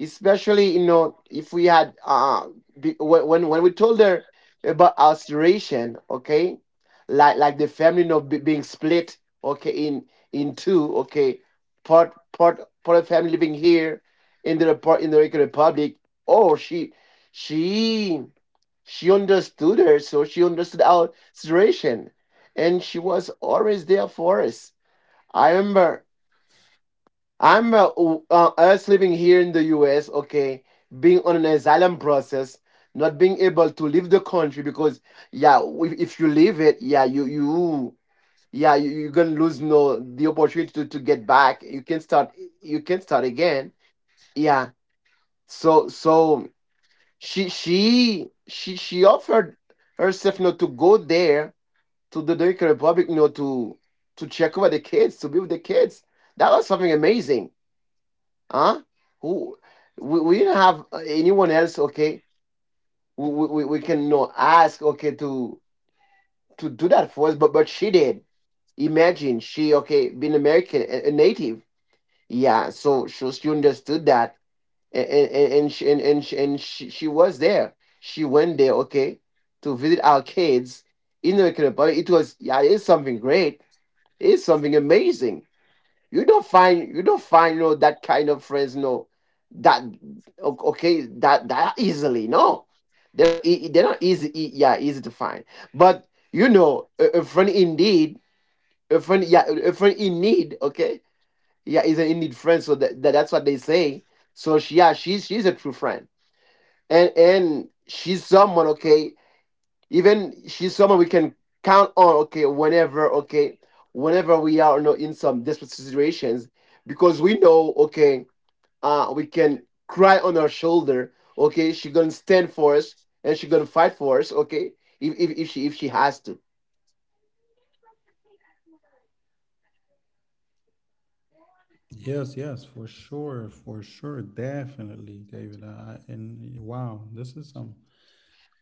especially, you know, if we had, when we told her about our situation, okay, like the family, you know, being split, okay, in two, okay, part of family living here in the, part in the Dominican Republic. Oh, she she understood her, so she understood our situation, and she was always there for us. I remember I'm, us living here in the U.S. Okay, being on an asylum process, not being able to leave the country because, yeah, if you leave it, yeah, you yeah, you, you're gonna lose no the opportunity to get back. You can start, again. Yeah. So she offered herself, you know, to go there to the Dominican Republic, you know, to check over the kids, to be with the kids. That was something amazing. Huh? Who? We, didn't have, anyone else. Okay, we can no ask, okay, to do that for us, but she did. Imagine, she, okay, being American, a native. Yeah, so she understood that, and she, was there. She went there, okay, to visit our kids in the American Republic. It was, yeah, it's something great. It's something amazing. You don't find, no, that kind of friends, no, that, okay, that easily, no. They're not easy, yeah, easy to find. But, you know, a friend indeed, a friend, yeah, a friend in need, okay, yeah, is an in need friend. So that's what they say. So she, yeah, she's a true friend. And she's someone, okay, even she's someone we can count on, okay, whenever we are, you know, in some desperate situations, because we know, okay, we can cry on her shoulder, okay, she gonna stand for us, and she gonna fight for us, okay, if, she, has to. Yes, yes, for sure, definitely, David. And wow, this is some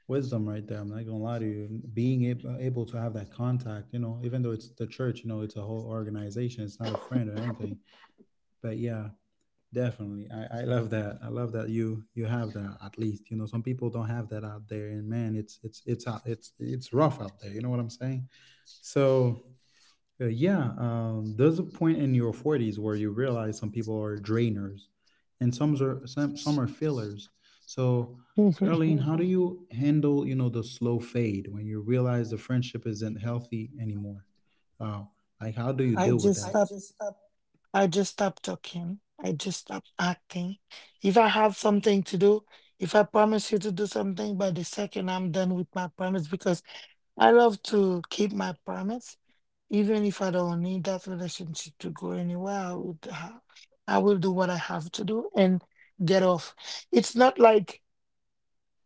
wisdom right there. I'm not gonna lie to you. Being able to have that contact, you know, even though it's the church, you know, it's a whole organization. It's not a friend or anything. But yeah, definitely, I love that. I love that you have that at least. You know, some people don't have that out there, and man, it's rough out there. You know what I'm saying? So. Yeah, there's a point in your forties where you realize some people are drainers, and some are fillers. So, <laughs> I Caroline, how do, Mhm, you handle, you know, the slow fade when you realize the friendship isn't healthy anymore? Uh, like, how do you deal with just I that? stopped. Just stop. I just stop talking. I just stop acting. If I have something to do, if I promise you to do something, by the second I'm done with my promise because I love to keep my promise. Even if I don't need that relationship to go anywhere, I will do what I have to do and get off. It's not like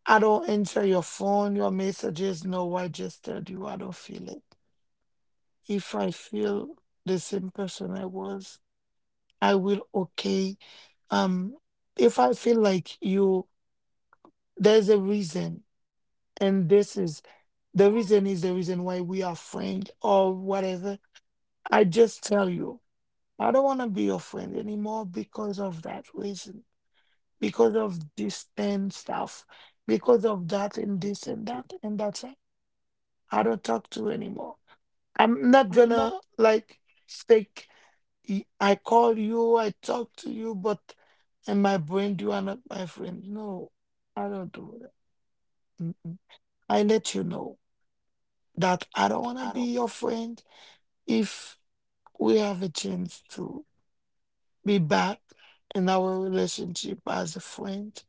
I don't answer your phone, your messages. No, I just told you I don't feel it. If I feel the same person I was. I will okay. Um, if I feel like you, there's a reason, and this is the reason why we are friends or whatever. I just tell you, I don't want to be your friend anymore because of that reason, because of this and stuff, because of that and this and that and that's it. I don't talk to you anymore. I'm not I'm not. gonna like fake. I call you, I talk to you, but in my brain, you are not my friend. No, I don't do that. Mm-mm. I let you know that I don't want to I don't. be your friend if we have a chance to be back in our relationship as a friend.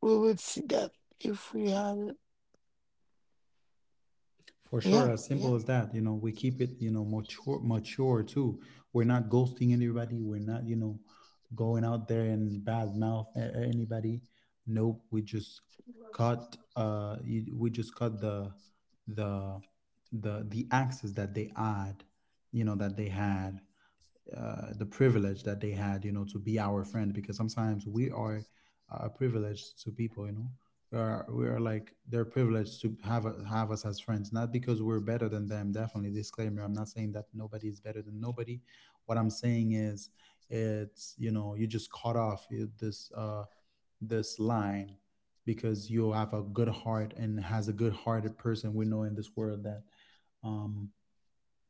We will see that if we have it. For sure, Yeah. as Yeah, simple as that. You know, we keep it, you know, mature, mature too. We're not ghosting anybody. We're not, you know, going out there and bad mouth anybody. Nope. We just cut. We just cut the the the access that they had, you know, that they had, the privilege that they had, you know, to be our friend, because sometimes we are, privileged to people, you know. We are like they're privileged to have have us as friends, not because we're better than them. Definitely disclaimer. I'm not saying that nobody is better than nobody. What I'm saying is, it's, you know, you just cut off this this line, because you have a good heart, and has a good hearted person, we know in this world that um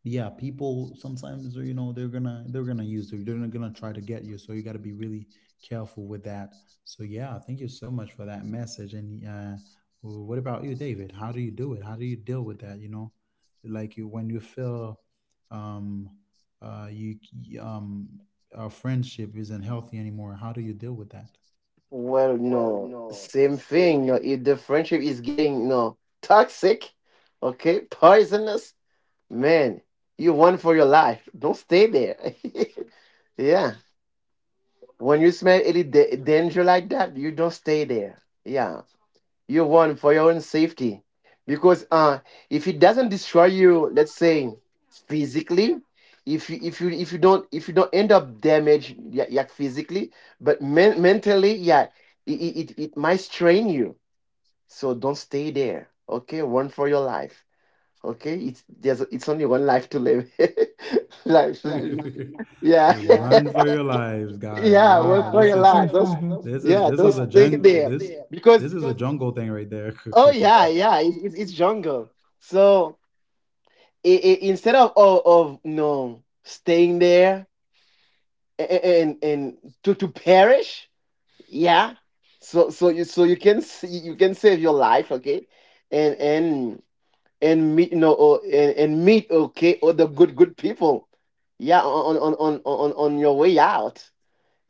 yeah, people sometimes, you know, they're gonna use it, they're not gonna try to get you, so you got to be really careful with that. So yeah, thank you so much for that message. And what about you, David? How do you do it? How do you deal with that, you know, like you, when you feel um you um our friendship isn't healthy anymore? How do you deal with that? Well, Well, no, no, same same thing. You know, if the friendship is getting, you know, toxic, okay, poisonous, man, you won for your life. Don't stay there. <laughs> Yeah. When you smell any danger like that, you don't stay there. Yeah, you run for your own safety, because, if it doesn't destroy you, let's say, physically, if you don't end up damaged, yeah, yeah, physically, but mentally, yeah, it it might strain you. So don't stay there. Okay, run for your life. Okay, it's only one life to live. <laughs> Life, like, <laughs> yeah. yeah, run for your lives, <laughs> guys. Yeah, we'll Wow, yeah, this pray a run is for lot. your Don't, lives. Hmm. Those, yeah, this is yeah, don't a those stay jungle big there this deal. because, This is a because jungle thing right there. oh <laughs> yeah, oh yeah, yeah, it's jungle. So I instead of of, you know, staying there and to perish, yeah. So you, so you can you can save your life, okay, and and and meet, you know, or, and meet, okay, or the good, people, yeah, on your way out.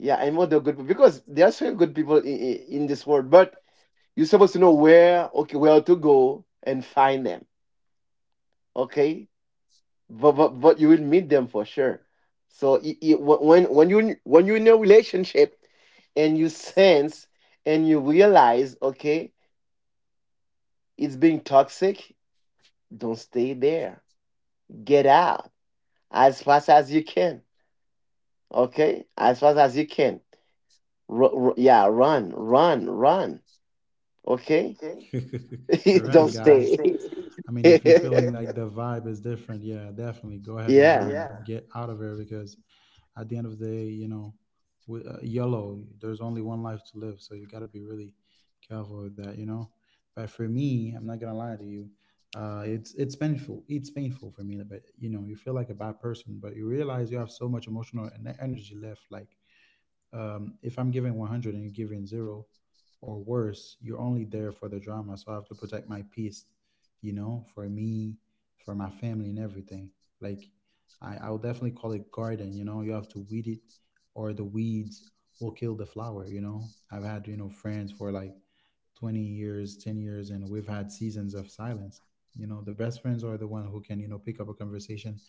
Yeah, I know they're good people because there are so good people in this world, but you're supposed to know where, okay, where to go and find them. Okay, but you will meet them for sure. So I- wh- when you when you're in a relationship and you sense and you realize, okay, it's being toxic, don't stay there. Get out as fast as you can. Okay, as fast as you can. Yeah, run, run, run. okay? Okay. <laughs> Run, <laughs> <laughs> don't Don't guys, stay. stay. I mean, if you're <laughs> feeling like it. <laughs> the vibe is different, yeah, definitely go ahead and run. Yeah. Yeah, get out of here, because at the end of the day, you know, we, yellow, there's only one life to live. So you got to be really careful with that, you know? But for me, I'm not going to lie to you. It's painful. It's painful for me, but you know, you feel like a bad person, but you realize you have so much emotional and energy left. Like, if I'm giving 100 and you're giving zero, or worse, you're only there for the drama. So I have to protect my peace, you know, for me, for my family, and everything. Like, I would definitely call it garden, you know, you have to weed it, or the weeds will kill the flower, you know. I've had, you know, friends for like 20 years, 10 years, and we've had seasons of silence. You know, the best friends are the one who can, you know, pick up a conversation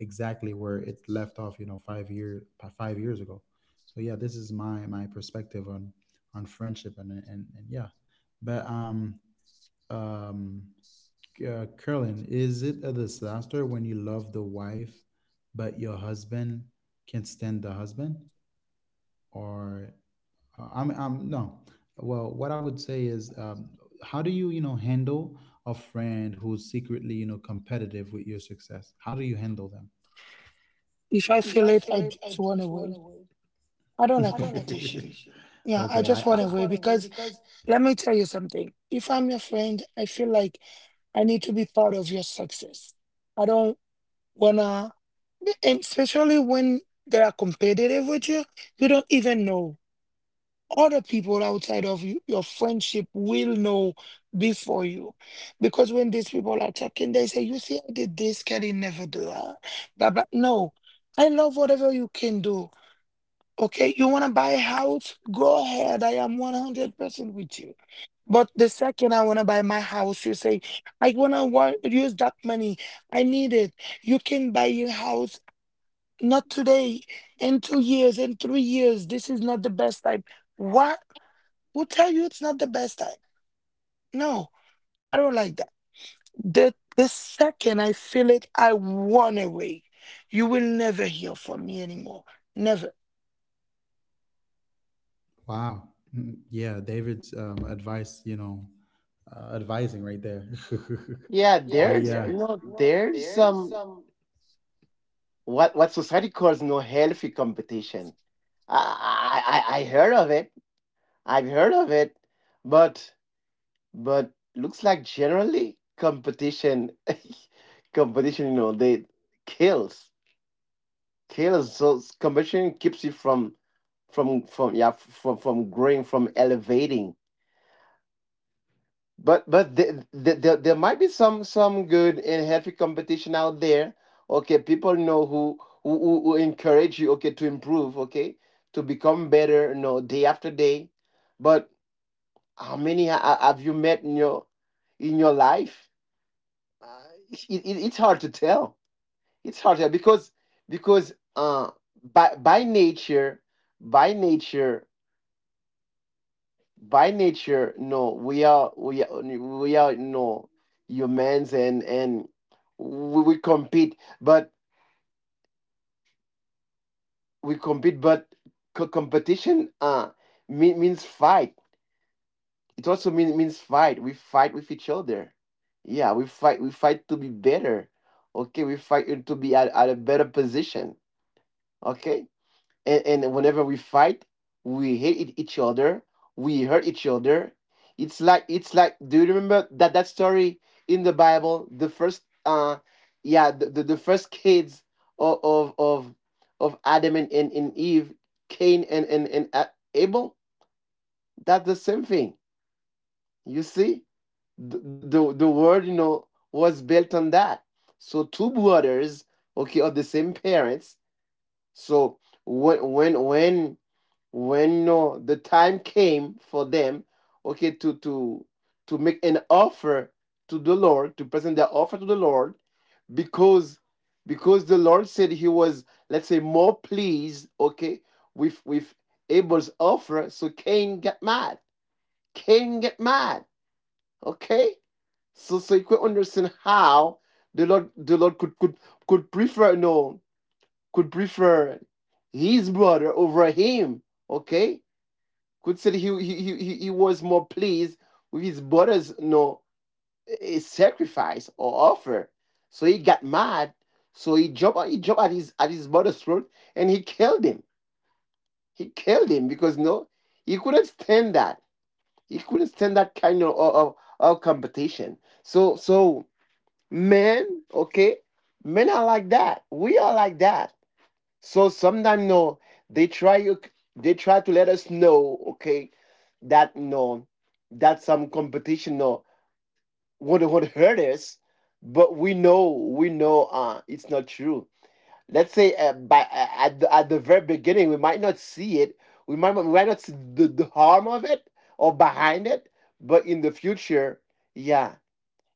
exactly where it left off, you know, 5 years ago. So yeah, this is my my perspective on friendship and and yeah. But um curlin, is it a disaster when you love the wife, but your husband can't stand the husband, or I'm no well, what I would say is, how do you, you know, handle a friend who's secretly, you know, competitive with your success? How do you handle them? If I If feel I it, I feel it, I just run just run away. away. I don't I like don't like <laughs> competition. competition. Yeah, I Okay, yeah, just run I just away run away because because let me tell you something. If I'm your friend, I feel like I need to be part of your success. I don't wanna, and especially when they are competitive with you, you don't even know. Other people outside of you, your friendship will know before you. Because when these people are talking, they say, you see, I did this, Kelly never do that. Blah, blah. No, I love whatever you can do. Okay, you wanna buy a house? Go ahead. I am 100% with you but the second I want to buy my house, you say, I want to want, use that money. I need it. You can buy your house, not today, in 2 years, in 3 years. This is not the best time. What? Who tell you it's not the best time? No, I don't like that. The second I feel it, I run away. You will never hear from me anymore. Never. Wow. Mm, yeah, David's, advice, you know, advising right there. <laughs> Yeah, Yeah, but there's yeah, you there's, know, you know, there's there's some some what society calls no healthy competition. I, I heard of it. I've heard of it, but looks like generally competition <laughs> competition, they kills. Kills. So competition keeps you from from growing, from elevating. But there might be some good and healthy competition out there. Okay, people know who encourage you. Okay, to improve. Okay, to become better. You know, day after day. But how many have you met in your life? Uh, it's hard to tell. It's hard to tell because by nature by nature by nature no we are we are we are no humans, and we compete, but competition means fight. It also means fight we fight with each other. Yeah, We fight to be better. Okay, we fight to be at a better position. Okay. And whenever we fight, we hate each other, we hurt each other. It's like do you remember that story in the Bible, the first, yeah, the first kids of of of, of Adam and Eve? Cain and Abel. That's the same thing, you see. The word was built on that. So two brothers, okay, of the same parents. So when when when when no the time came for them, okay, to make an offer, to the Lord, to present their offer to the Lord, because the Lord said he was, let's say, more pleased, okay, with Abel's offer, so Cain got mad. Cain get mad. Okay. So you could understand how the Lord could prefer no could prefer his brother over him. Okay. Could say he was more pleased with his brother's, sacrifice or offer. So he got mad. So he jumped at his brother's throat, and he killed him. He killed him because he couldn't stand that. He couldn't stand that kind of competition. So men, okay, men are like that. We are like that. So sometimes no, they try they try to let us know, okay, that that some competition, would hurt us, but we know it's not true. Let's say, by at the very beginning we might not see it, we might not see the harm of it, or behind it, but in the future, yeah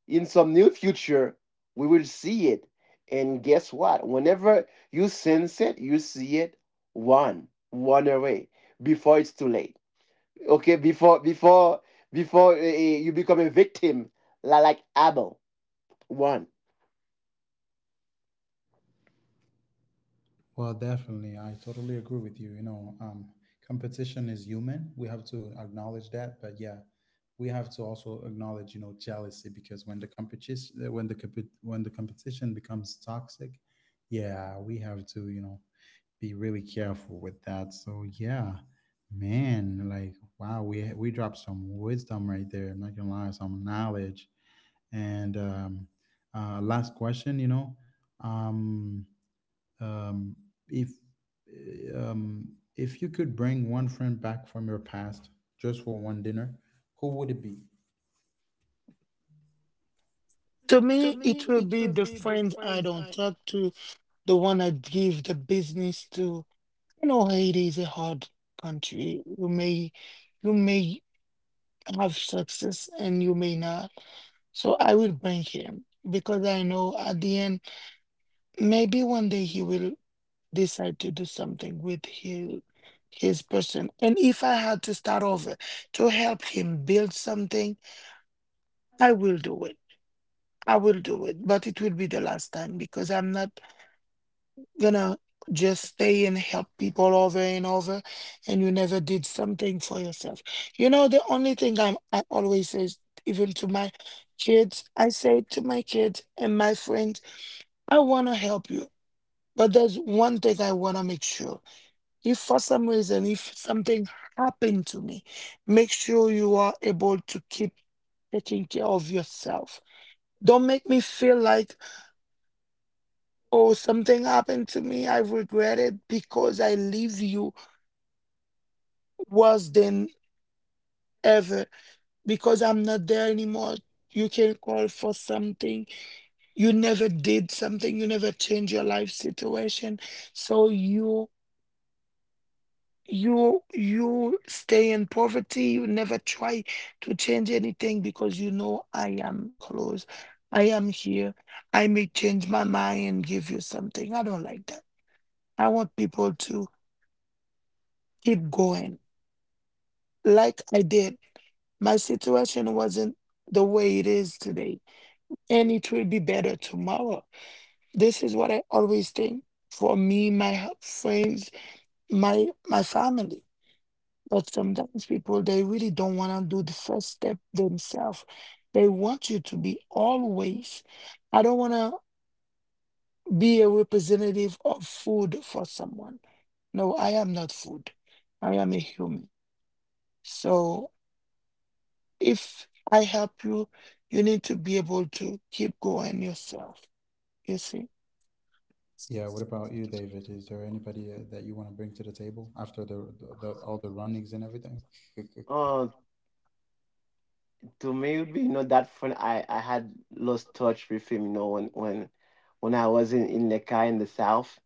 in some new future we will see it. And guess what, whenever you sense it, you see it, one one away before it's too late. Okay, before you become a victim, like Abel one. Well, definitely. I totally agree with you. You know, competition is human. We have to acknowledge that. But yeah, we have to also acknowledge, you know, jealousy, because when the competition, when the when the competition becomes toxic, yeah, we have to, you know, be really careful with that. So yeah, man, like wow, we dropped some wisdom right there. I'm not gonna lie, some knowledge. And last question, you know, um um, if um, if you could bring one friend back from your past just for one dinner, who would it be? To To me, it me, will it be will the be the friends I friend don't I talk to, the one I give the business to. You know, Haiti is a hard country. You may have success and you may not. So I will bring him because I know at the end, maybe one day he will decide to do something with his person. And if I had to start over to help him build something, I will do it. I will do it, but it will be the last time because I'm not gonna just stay and help people over and over and you never did something for yourself. You know the only thing I always say is, even to my kids, I say to my kids and my friends, I want to help you, but there's one thing I want to make sure: if for some reason if something happened to me, make sure you are able to keep taking care of yourself. Don't make me feel like, oh, something happened to me, I regret it because I leave you worse than ever because I'm not there anymore. You can call for something. You never did something. You never change your life situation. So you you stay in poverty. You never try to change anything because you know I am close. I am here. I may change my mind and give you something. I don't like that. I want people to keep going like I did. My situation wasn't the way it is today and it will be better tomorrow. This is what I always think for me, my friends, my family. But sometimes people they really don't want to do the first step themselves. They want you to be always. I don't want to be a representative of food for someone. No, I am not food. I am a human. So if I help you, you need to be able to keep going yourself. You see. Yeah. What about you, David? Is there anybody, that you want to bring to the table after the all the runnings and everything? <laughs> Oh, to me, it would be that friend I had lost touch with him. You know, when I was in Lekki in the south.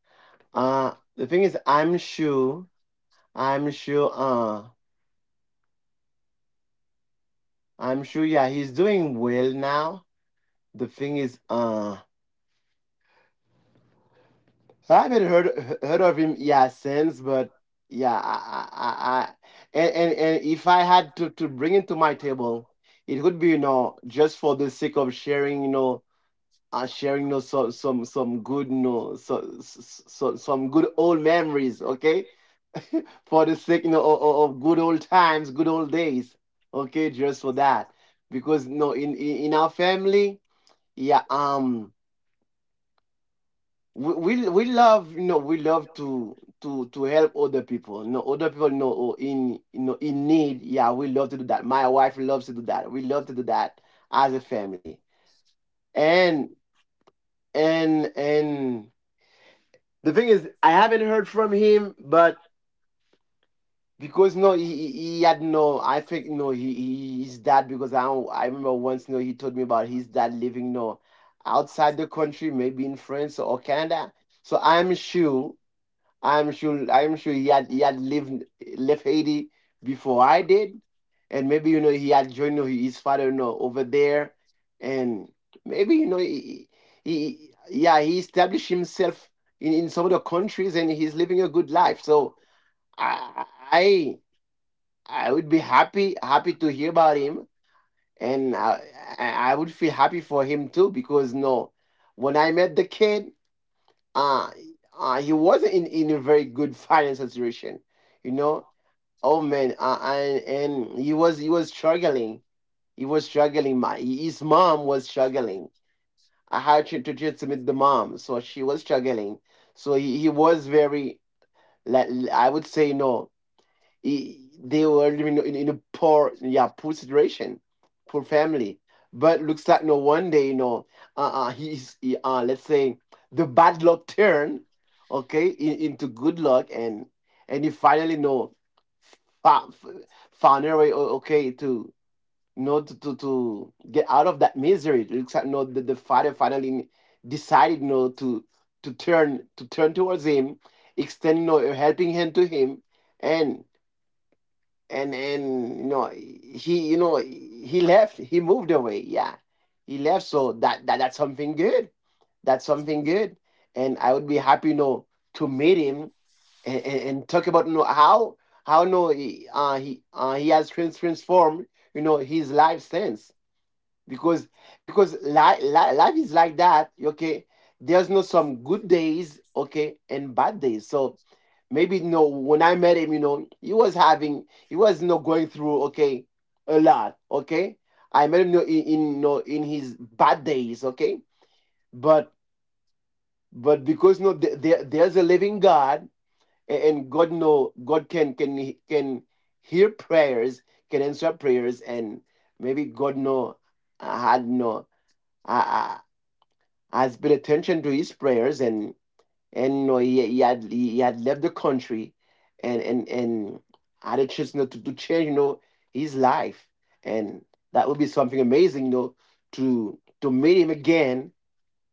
The thing is, I'm sure, uh, I'm sure. Yeah, he's doing well now. The thing is, I haven't heard of him since, but yeah, I and if I had to bring it to my table, it would be, you know, just for the sake of sharing you know sharing some good, so some good old memories, okay, for the sake of good old times, good old days, okay, just for that. Because no in our family, yeah um we love you know we love to help other people no other people know or in you know in need, yeah, we love to do that. My wife loves to do that. We love to do that, as a family. And and and the thing is, I haven't heard from him, but because no he had, I think, no he his dad. Because I remember once, no he told me about his dad living, no outside the country, maybe in France or Canada. So I'm sure he had lived left Haiti before I did, and maybe he had joined, his father, over there, and maybe he established himself in some of the countries, and he's living a good life. So I I I would be happy to hear about him, and I would feel happy for him too because no, when I met the kid, uh, he wasn't in a very good financial situation, you know oh man. And he was struggling. He was struggling. My his mom was struggling. I had to just the mom, so she was struggling. So he was very, like I would say, no I- they were living in a poor situation. Poor family. But looks like, no one day, let's say the bad luck turned, okay, into good luck, and he finally know found, found a way, okay, to to get out of that misery. It looks like, no the father finally decided, you know, to turn towards him, extending, a helping hand to him, and and he, you know, he left, he moved away, yeah. He left, so that's something good. That's something good. And I would be happy, to meet him, and talk about, how no he he has transformed his life since. Because life is like that, okay. There's no some good days, okay, and bad days. So maybe no. when I met him, you know, he was going through, okay, a lot. Okay. I met him, in his bad days, okay. But, because, no there's a living God. A- and god no god can hear prayers, can answer prayers. And maybe god no had no uh, has paid attention to his prayers, and he had left the country, and had a chance, to change, you know, his life. And that would be something amazing, you know, to meet him again,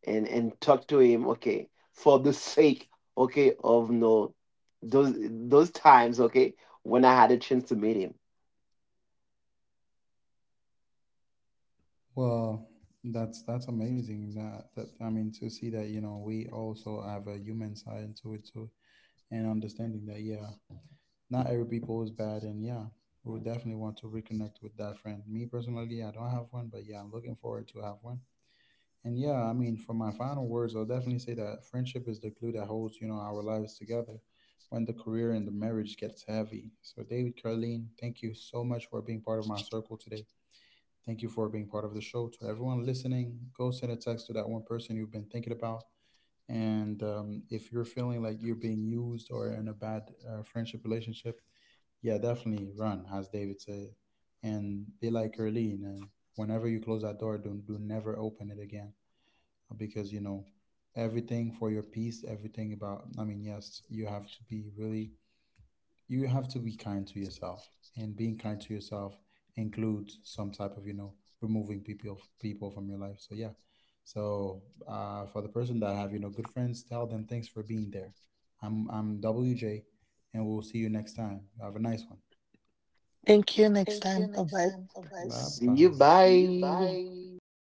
and talk to him, okay, for the sake, okay, of, no those times, okay, when I had a chance to meet him. Well, that's amazing. That that I mean to see that, you know, we also have a human side to it too, and understanding that yeah, not every people is bad, and yeah, we would definitely want to reconnect with that friend. Me personally, I don't have one, but yeah, I'm looking forward to have one. And yeah, I mean, for my final words, I'll definitely say that friendship is the glue that holds, you know, our lives together when the career and the marriage gets heavy. So David, Carleen, thank you so much for being part of my circle today. Thank you for being part of the show. To everyone listening, go send a text to that one person you've been thinking about. And if you're feeling like you're being used, or in a bad, friendship relationship, yeah, definitely run, as David said, and be like Erlene. And whenever you close that door, do never open it again, because you know, everything for your peace, everything about. I mean, yes, you have to be really, you have to be kind to yourself, and being kind to yourself includes some type of, you know, removing people from your life. So yeah, so, for the person that have, you know, good friends, tell them thanks for being there. I'm WJ, and we'll see you next time. Have a nice one. Thank you. Next Thank you. time. Bye Next bye. time. Bye bye. See you. See you. Bye. Bye.